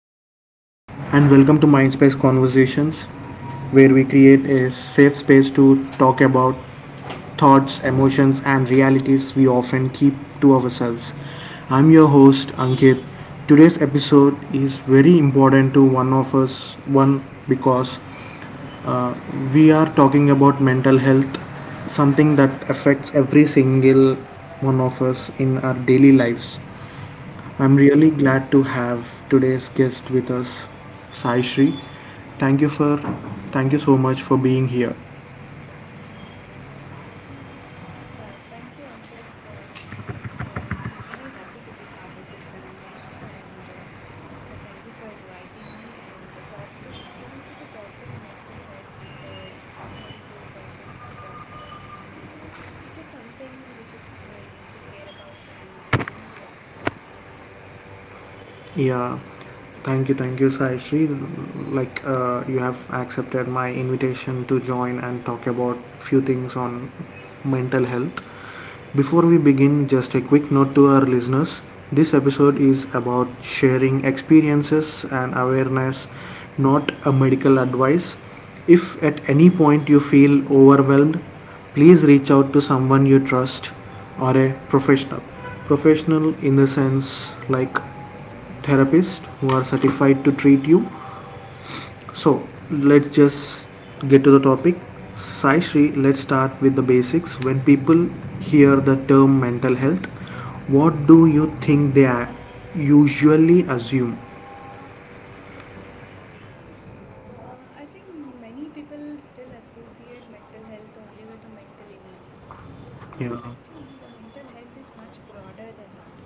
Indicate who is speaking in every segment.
Speaker 1: everyone, and welcome to Mindspace Conversations, where we create a safe space to talk about thoughts, emotions, and realities we often keep to ourselves. I'm your host, Ankit. Today's episode is very important to one of us, one because we are talking about mental health, something that affects every single one of us in our daily lives. I'm really glad to have today's guest with us, Sai Sri. Thank you for, Thank you so much for being here.
Speaker 2: Yeah, thank you, Ankit. And I'm really happy to be part of this conversation. And Thank you for inviting me. And the topic, coming to the topic, mental health, it's a very good topic to talk on. And it is something which is I deeply care about, and this means a lot to me.
Speaker 1: Yeah, thank you, Sai Sri. Like you have accepted my invitation to join and talk about few things on mental health. Before we begin, just a quick note to our listeners. This episode is about sharing experiences and awareness, not a medical advice. If at any point you feel overwhelmed, please reach out to someone you trust or a professional. Professional in the sense like therapist who are certified to treat you, so let's just get to the topic. Sai Shri, let's start with the basics. When people hear the term mental health, what do you think usually assume?
Speaker 2: I think many people still associate mental health only with a mental illness. So, but
Speaker 1: Yeah,
Speaker 2: actually, the mental health is much broader than that.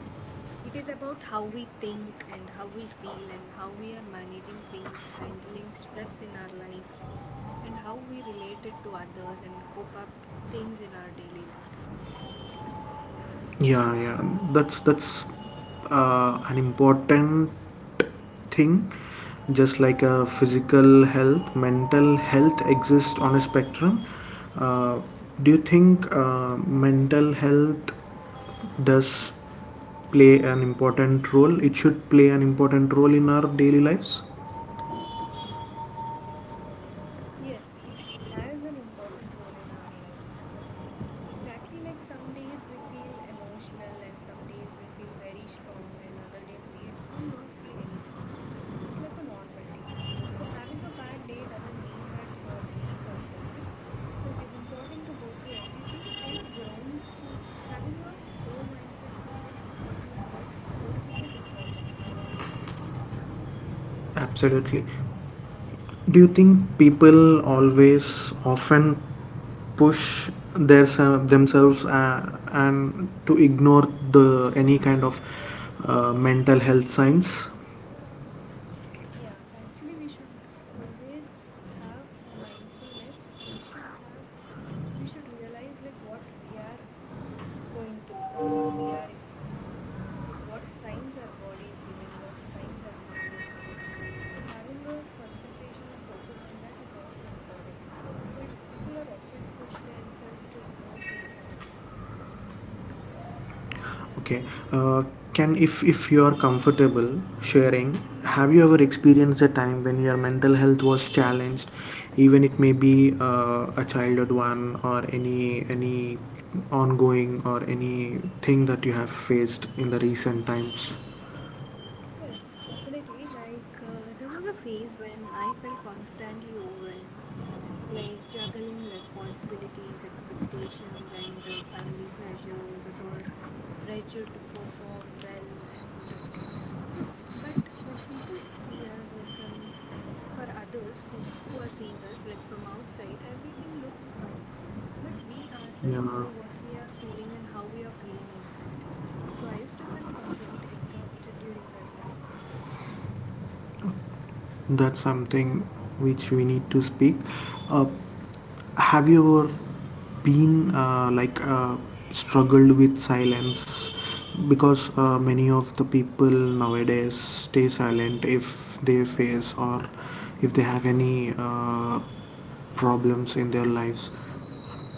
Speaker 2: It is about how we think and how we feel and how we are managing things, handling stress in our life, and how we relate it to others and cope up things in our daily life.
Speaker 1: yeah, yeah. That's an important thing. Just like a physical health, mental health exists on a spectrum. Uh, do you think mental health does play an important role. It should play an important role in our daily lives.
Speaker 2: Yes, it has an important role in our life. Exactly, like some days we feel emotional and some days we feel very strong, and other days we will not feel anything. It's like a normal day. So, having a bad day doesn't mean that you are weak or broken. So, it is important to go through everything and growing through having a grow mindset through that what you grow go through is important.
Speaker 1: Absolutely. Do you think people always often push their themselves and to ignore the any kind of mental health signs?
Speaker 2: Yeah, actually, we should always have a mindfulness and we should have, we should realize like what we are going through or what we are experiencing, like what signs our body is giving, what signs our mind is giving. So, having a concentration and focus on that is also important. But people are often push themselves to ignore those signs.
Speaker 1: Okay. Uh, can if you are comfortable sharing, have you ever experienced a time when your mental health was challenged, even it may be a childhood one or any ongoing or any thing that you have faced in the recent times?
Speaker 2: Yes, definitely. There was a phase when I felt constantly overwhelmed, like juggling responsibilities, expectations, and family pressures, or the pressure to perform well. And uh, so, but when people see us, or from for others who are seeing us, like from outside, everything look fine, but we ourselves
Speaker 1: Yeah,
Speaker 2: know what we are feeling and how we are feeling inside. So I used to feel complete exhausted during that time.
Speaker 1: that's something which we need to speak. Uh, Have you ever been struggled with silence? Because many of the people nowadays stay silent if they face or if they have any problems in their lives.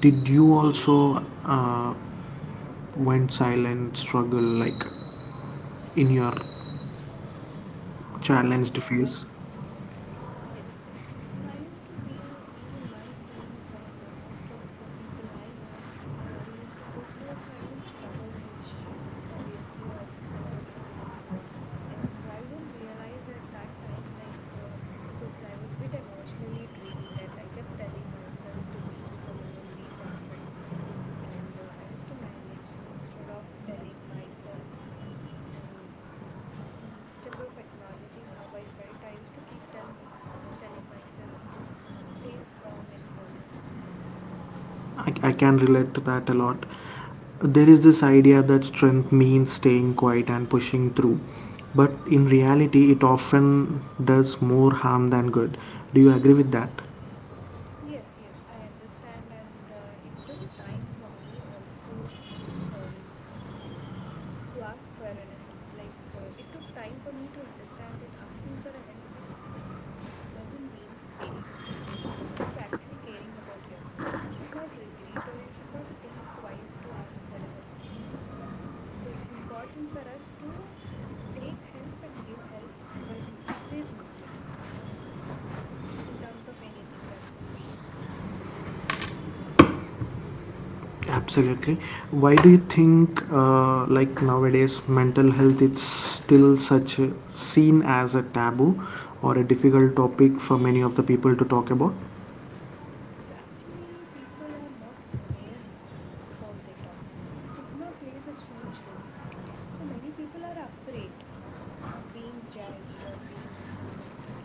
Speaker 1: Did you also went silent struggle like in your challenged
Speaker 2: Yeah, I
Speaker 1: phase?
Speaker 2: Yes, yes. I used to feel even my friends and most of the people I know, we all used to go through a silent struggle, which obviously how people go through. And I don't realize at that time, like, because I was bit emotionally drained and I kept telling myself to be strong and be confident. And I used to manage instead of telling myself. Mm. Instead of acknowledging how I felt, I used to keep telling myself to stay strong and positive.
Speaker 1: I can relate to that a lot. There is this idea that strength means staying quiet and pushing through, but in reality, it often does more harm than good. Do you agree with that?
Speaker 2: Yes, yes, I understand, and it took time for me also um, to ask for an help. It took time for me to understand that asking for a help is doesn't mean failing. So it's actually caring about yourself. You should not regret or you should not think twice to ask for a help. So it's important for us to take help and give help when it is needed in terms of anything that could be.
Speaker 1: Absolutely. Why do you think, like nowadays, mental health is still such seen as a taboo or a difficult topic for many of the people to talk about?
Speaker 2: It's actually people are not aware before they talk. So stigma plays a huge role. So many people are afraid of being judged or being misunderstood.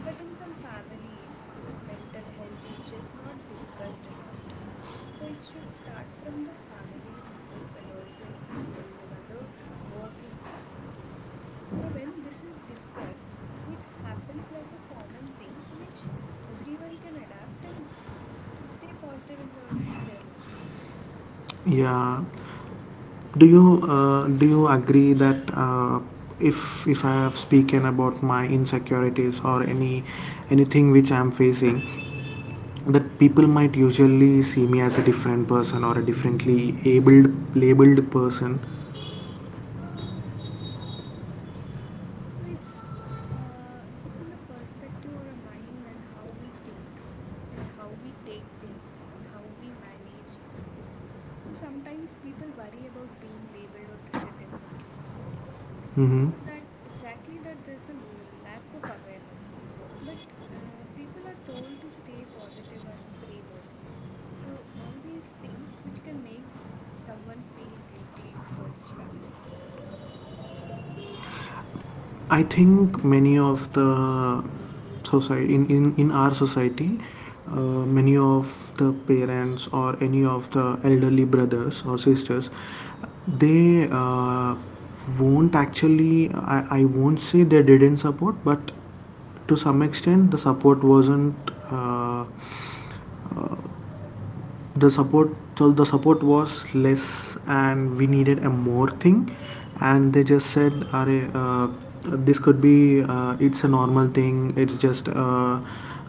Speaker 2: But in some families, like mental health is just not discussed at all. So it should start from the families itself and also in schools and other working places. So when this is discussed, it happens like a common thing which everyone can adapt and stay positive in their life.
Speaker 1: Yeah, do you do you agree that if I have spoken about my insecurities or any anything which I am facing, that people might usually see me as a different person or a differently abled labeled person?
Speaker 2: So it's in the perspective or a mind and how we think and how we take things and how we manage. So sometimes people worry about being labeled or treated differently. So
Speaker 1: Mm-hmm.
Speaker 2: that exactly that there's a lack of awareness. But people are told to stay positive or pray more. So all these things which can make someone feel guilty for struggling.
Speaker 1: I think many of the in our society, uh, many of the parents or any of the elderly brothers or sisters, they won't actually. I won't say they didn't support, but to some extent the support wasn't uh, the support, so the support was less and we needed a more thing, and they just said, uh, this could be it's a normal thing, it's just a,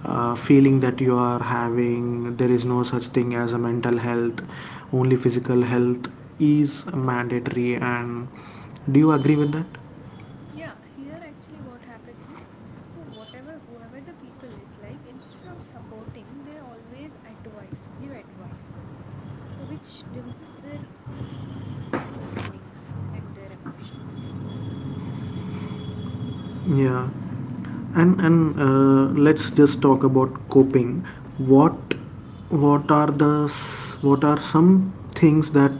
Speaker 1: uh feeling that you are having. There is no such thing as a mental health, only physical health is mandatory. And do you agree with that?
Speaker 2: Yeah, here actually what happens is so whatever whoever the people is like instead of supporting they always advise, give advice. So which diminishes their feelings and their emotions.
Speaker 1: Yeah, and let's just talk about coping. What what are some things that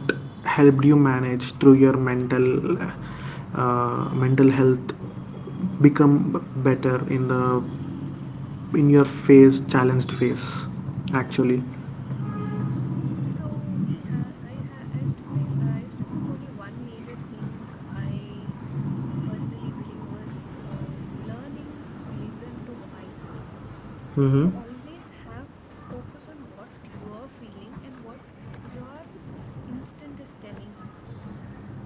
Speaker 1: helped you manage through your mental health become better in your phase challenged phase actually.
Speaker 2: So we ha I used to feel I used to think only one major thing I personally believe was learning to listen to myself. So
Speaker 1: Mm-hmm.
Speaker 2: always have focus on what you are feeling and what your instinct is telling you.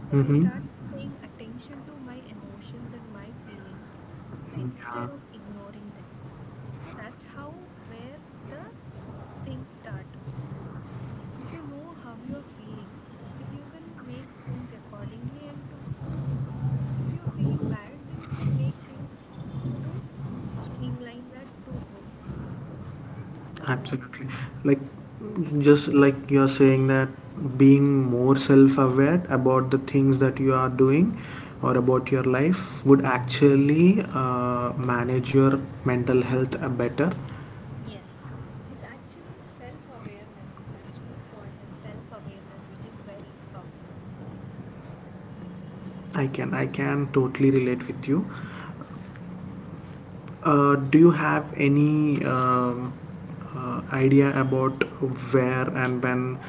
Speaker 2: So I started paying attention to my emotions and my feelings. So instead
Speaker 1: Mm-hmm.
Speaker 2: of ignoring them. So that's how where the s- things start if you know how you are feeling and you can make things accordingly and to if you are feeling bad then you can make things to streamline that to good so.
Speaker 1: Absolutely. Like,
Speaker 2: Mm.
Speaker 1: just like you're saying that being more self aware about the things that you are doing or about your life would actually manage your mental health better.
Speaker 2: Yes, it's actually self awareness, it's actually called as self awareness which is very powerful.
Speaker 1: I can totally relate with you. Do you have any idea about where and when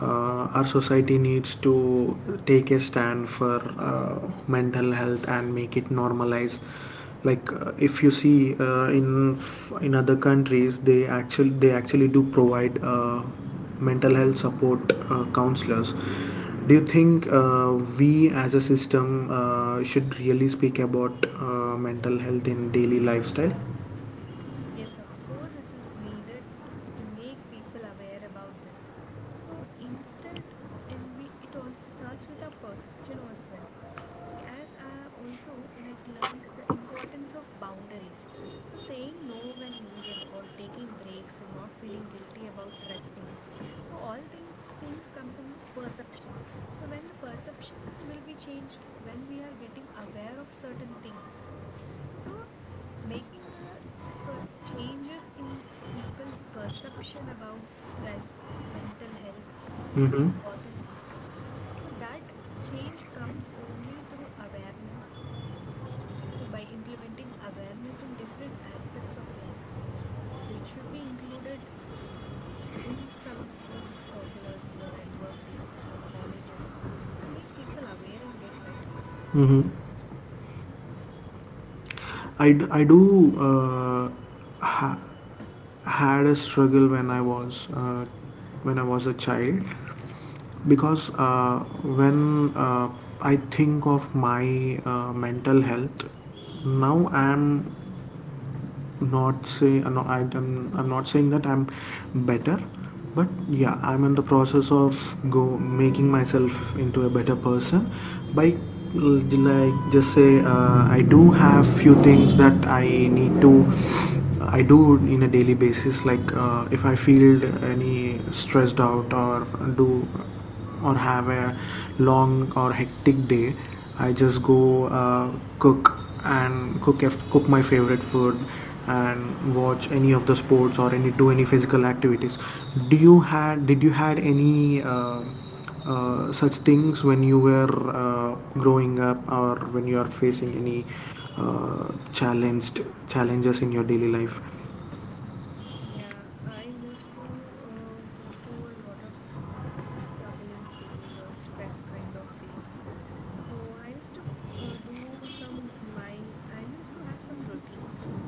Speaker 1: our society needs to take a stand for mental health and make it normalize? Like if you see in other countries, they actually do provide mental health support counselors. Do you think we as a system should really speak about mental health in daily lifestyle?
Speaker 2: Yes, of course, it is needed to make people aware about this. So instead, and we it also starts with our perception as well. See, as I also like learned the importance of boundaries. So saying no when needed or taking breaks and not feeling guilty about resting. So things comes from a perception. So when the perception will be changed, when we are getting aware of certain things, so, making a changes in people's perception about stress, mental health is
Speaker 1: Mm-hmm.
Speaker 2: important these days. So, that change comes only through awareness. So, by implementing awareness in different aspects of life. So, it should be included in some schools' curriculums or at workplaces or colleges to make people aware and get better.
Speaker 1: Mm-hmm. I do ha- had a struggle when I was a child, because when I think of my mental health, now I am not say I, I'm not saying that I'm better, but yeah, I'm in the process of go making myself into a better person by, like, just say I do have few things that I need to I do in a daily basis. Like if I feel any stressed out or do or have a long or hectic day, I just go cook and cook my favorite food and watch any of the sports or any do any physical activities. Do you had, did you had any such things when you were growing up or when you are facing any challenged challenges in your daily life?
Speaker 2: Yeah, I used to go to a lot of struggling phase or stress kind of phase. So I used to do some my I used to have some routines.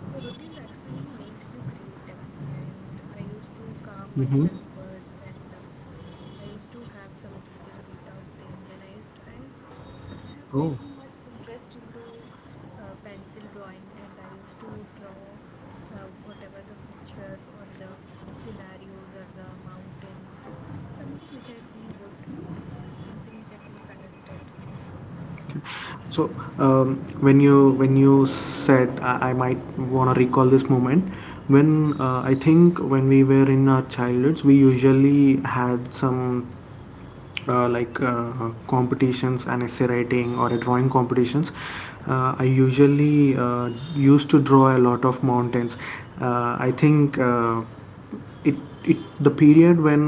Speaker 2: So routines actually makes you creative, and I used to calm
Speaker 1: Mm-hmm.
Speaker 2: myself first, and I used to have some breathe in breathe out things, and I have very
Speaker 1: Oh.
Speaker 2: much interest into pencil drawing, and I used to draw whatever the picture or the scenarios or the mountains, something which I feel good, something which I feel connected and.
Speaker 1: So when you, when you said, I might want to recall this moment. When I think when we were in our childhoods, we usually had some uh, like uh, competitions and essay writing or a drawing competitions. I usually used to draw a lot of mountains. I think it, it, the period when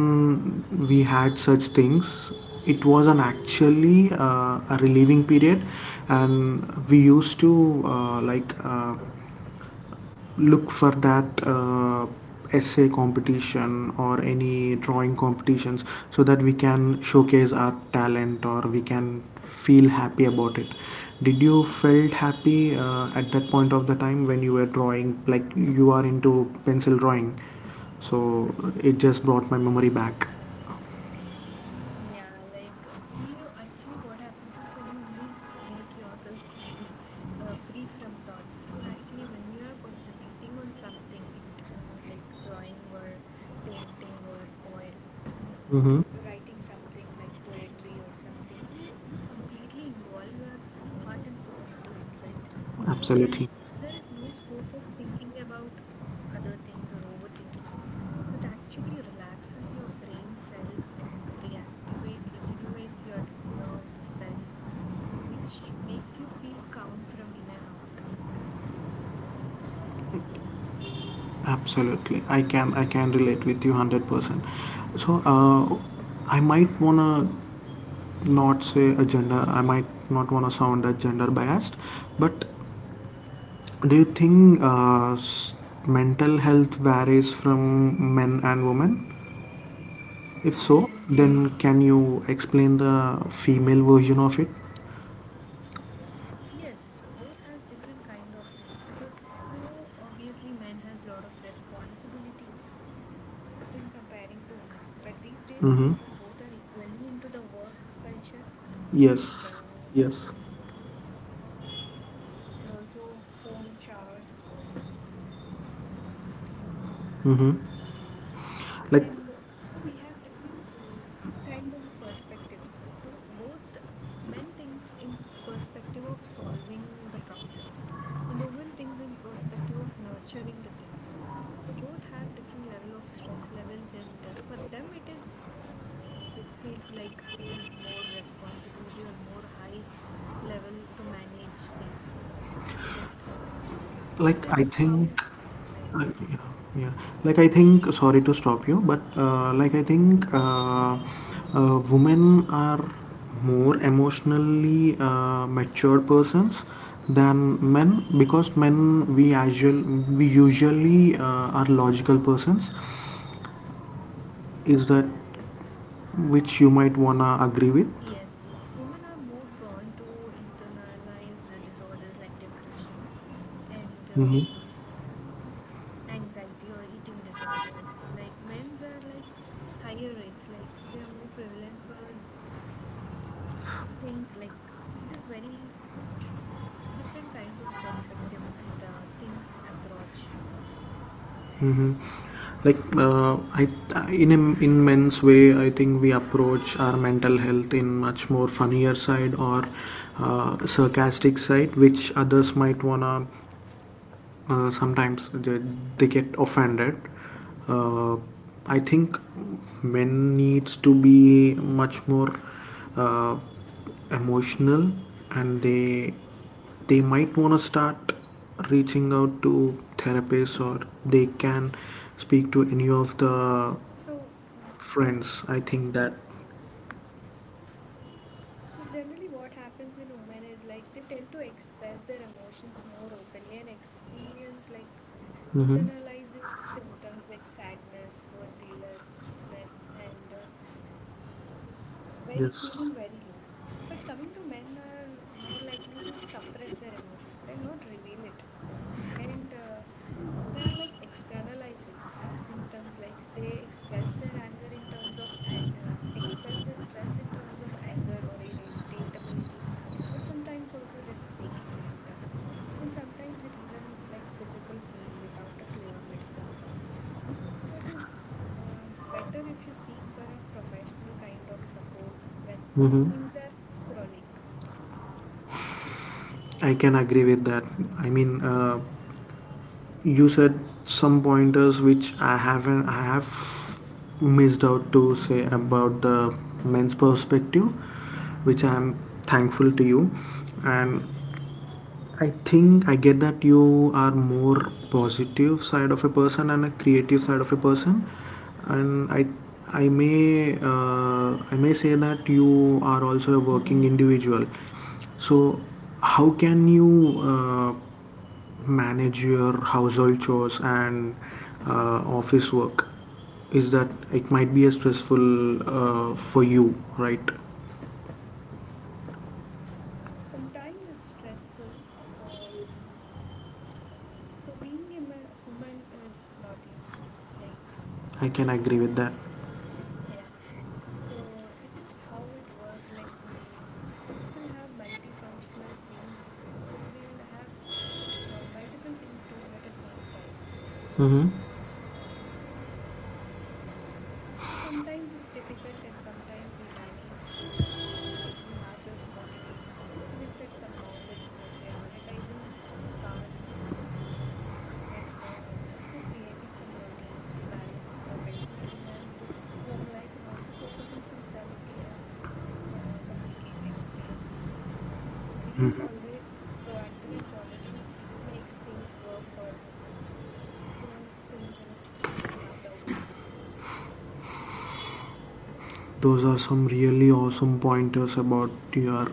Speaker 1: we had such things, it was an actually a relieving period, and we used to, look for that essay competition or any drawing competitions, so that we can showcase our talent or we can feel happy about it. Did you felt happy at that point of the time when you were drawing, like you are into pencil drawing? So it just brought my memory back.
Speaker 2: We actually what happens is when you make yourself busy, free from thoughts. So actually, when we are concentrating on something, it uh, like drawing or painting or
Speaker 1: Mm-hmm.
Speaker 2: writing something like poetry or something, we you completely involve your heart and soul into it, right? So then
Speaker 1: Absolutely,
Speaker 2: there is no scope of thinking about other things or overthinking. So it actually relaxes your brain cells and reactivate, regenerates your nerves cells, which makes you feel calm from in and out.
Speaker 1: absolutely. I can relate with you 100%. So I might wanna not say a gender, I might not want to sound a gender biased, but do you think mental health varies from men and women? If so,
Speaker 2: Hmm.
Speaker 1: then can you explain the female version of it?
Speaker 2: Yes, both has different kind of cells because you know obviously man has lot of responsibilities when comparing to women. But these days we
Speaker 1: Mm-hmm.
Speaker 2: see both are equally into the work culture and
Speaker 1: Yes,
Speaker 2: uh,
Speaker 1: yes.
Speaker 2: and also home chores.
Speaker 1: Mm-hmm. Like.
Speaker 2: And so we have different kind of perspectives. Do both men thinks in perspective of solving the problems, and women thinks in perspective of nurturing the things. So both have different level of stress levels, and for them it is it feels like it is more responsibility or more high level to manage things, but it
Speaker 1: Like I
Speaker 2: is how
Speaker 1: think,
Speaker 2: their
Speaker 1: uh,
Speaker 2: level.
Speaker 1: yeah, yeah. Like I think. Sorry to stop you, but
Speaker 2: It's okay.
Speaker 1: women are more emotionally mature persons than men, because men we usually are logical persons. Is that which you might wanna agree with?
Speaker 2: Yes, yes. Women are more prone to internalize disorders like depressions and anxiety or eating disorders. Like men's are like higher rates, like they are more prevalent for things like it is very different kinds of perspective and things approach.
Speaker 1: Hmm. Like in a, in men's way, I think we approach our mental health in much more funnier side or sarcastic side, which others might wanna, uh, sometimes they, they get offended. Uh, I think men needs to be much more uh, emotional, and they might want to start reaching out to therapists, or they can speak to any of the
Speaker 2: So, mm,
Speaker 1: friends. I think
Speaker 2: hmm.
Speaker 1: that.
Speaker 2: So generally what happens in women is like they tend to express their emotions more openly and experience like internalizing symptoms like sadness, worthlessness and very
Speaker 1: Yes.
Speaker 2: feeling very low. But coming to men are more likely to suppress their emotions. They'll not reveal it. And They are like externalizing like symptoms like they express their anger in terms of express their stress in terms of anger or irritability or sometimes also risk taking and sometimes it even like physical pain without a clear medical cause, so it is better if you seek for a professional kind of support when
Speaker 1: Hmm.
Speaker 2: things are chronic.
Speaker 1: I can agree with that. I mean, uh, you said some pointers which I haven't I have missed out to say about the men's perspective, which I am thankful to you. And I think I get that you are more positive side of a person and a creative side of a person. And I may say that you are also a working individual. So how can you uh, manage your household chores and office work? Is that it might be a stressful for you, right?
Speaker 2: Sometimes it's stressful. Um, so being a woman is not easy. Like,
Speaker 1: I can agree with that.
Speaker 2: yeah. So it is how it works. People have multifunctional things. So we'll have multiple things doing at the same time.
Speaker 1: Mm-hmm.
Speaker 2: So sometimes it's difficult and sometimes we manage. So, making ourselves motivate. So, we'll set some boundaries or prioritizing tasks and also creating some routines to balance professional demands with home life and also focusing some self care and communicating things. So, being always proactive and positive makes things work or do things in a smarter way.
Speaker 1: Those are some really awesome pointers about your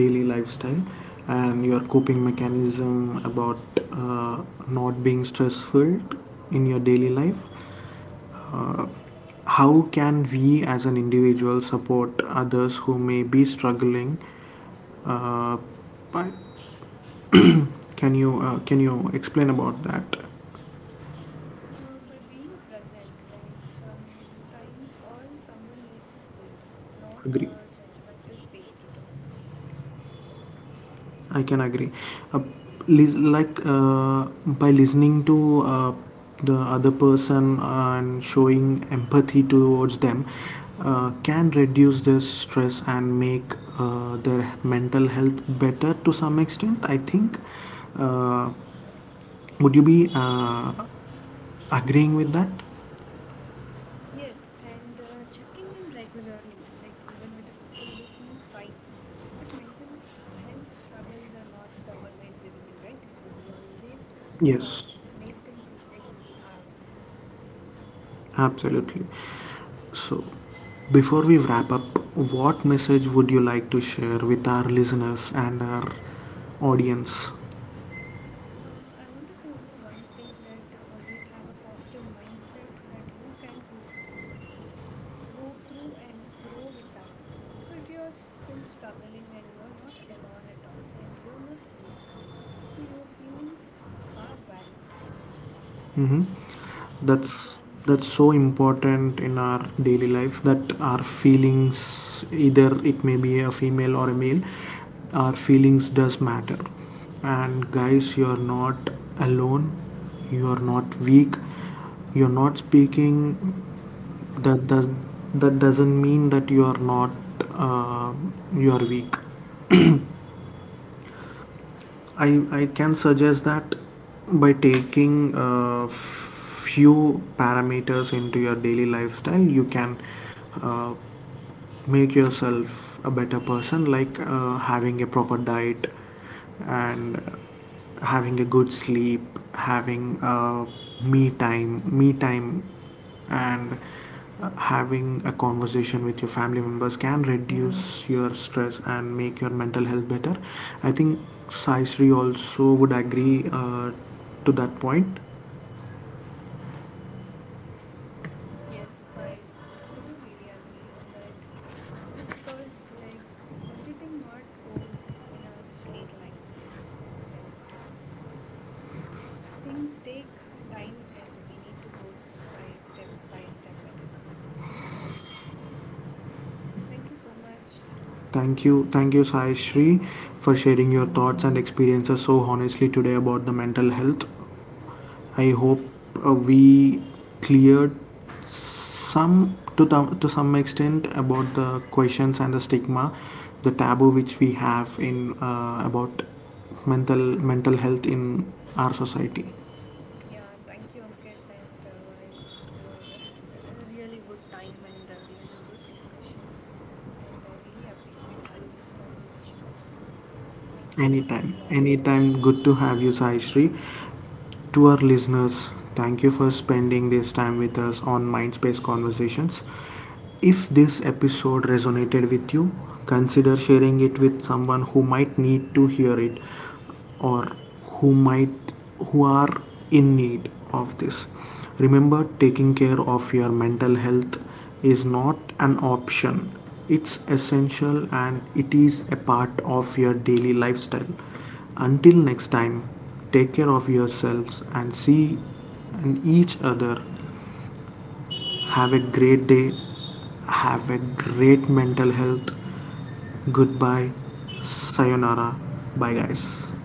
Speaker 1: daily lifestyle and your coping mechanism about not being stressful in your daily life. uh, how can we as an individual support others who may be struggling? Uh, but can you uh, can you explain about that?
Speaker 2: By being present, like sometimes all someone needs is safe, not
Speaker 1: Agree,
Speaker 2: a judgmental space to talk.
Speaker 1: I can agree. uh, like by listening to the other person and showing empathy towards them can reduce their stress and make their mental health better to some extent, I think. uh, Would you be agreeing with that?
Speaker 2: Yes, and checking in regularly, like even with the people who seem fine. But mental health struggles are not always visible, right? So we always um,
Speaker 1: Yes,
Speaker 2: make them feel like we are with you.
Speaker 1: absolutely. So, before we wrap up, what message would you like to share with our listeners and our audience?
Speaker 2: I want to say only one thing that always have a positive mindset that you can go through and grow with that. So if you are still struggling and you are not alone at all and you are not weak, so your feelings are valid.
Speaker 1: Mm-hmm.
Speaker 2: And
Speaker 1: that's that's so important in our daily life. That our feelings, either it may be a female or a male, our feelings does matter. And guys, you are not alone, you are not weak. You're not speaking that does That doesn't mean that you are not uh, you are weak. I can suggest that by taking a few parameters into your daily lifestyle you can uh, make yourself a better person. Like having a proper diet, and having a good sleep, having a me time, and having a conversation with your family members can reduce your stress and make your mental health better, I think. Sai Sri also would agree to that point.
Speaker 2: Yes, I do really agree on that. So because like everything not goes in a straight line, and things take time, and we need to go by step at a time. And thank you so much.
Speaker 1: Thank you, thank you, Sai Sri, for sharing your thoughts and experiences so honestly today about the mental health. I
Speaker 2: Yeah.
Speaker 1: hope we cleared some, to some extent, about the questions and the stigma, the taboo which we have in about mental health in our society.
Speaker 2: Yeah, thank you, Ankit, and a really good time and really a good discussion. And I really appreciate having this conversation with me. Thank you. Thanks
Speaker 1: Anytime,
Speaker 2: a lot.
Speaker 1: anytime. Good to have you, Sai. To our listeners, thank you for spending this time with us on Mindspace Conversations. If this episode resonated with you, consider sharing it with someone who might need to hear it, or who might, who are in need of this. Remember, taking care of your mental health is not an option. It's essential, and it is a part of your daily lifestyle. Until next time, take care of yourselves and see and each other. Have a great day. Have a great mental health. Goodbye. Sayonara. Bye, guys.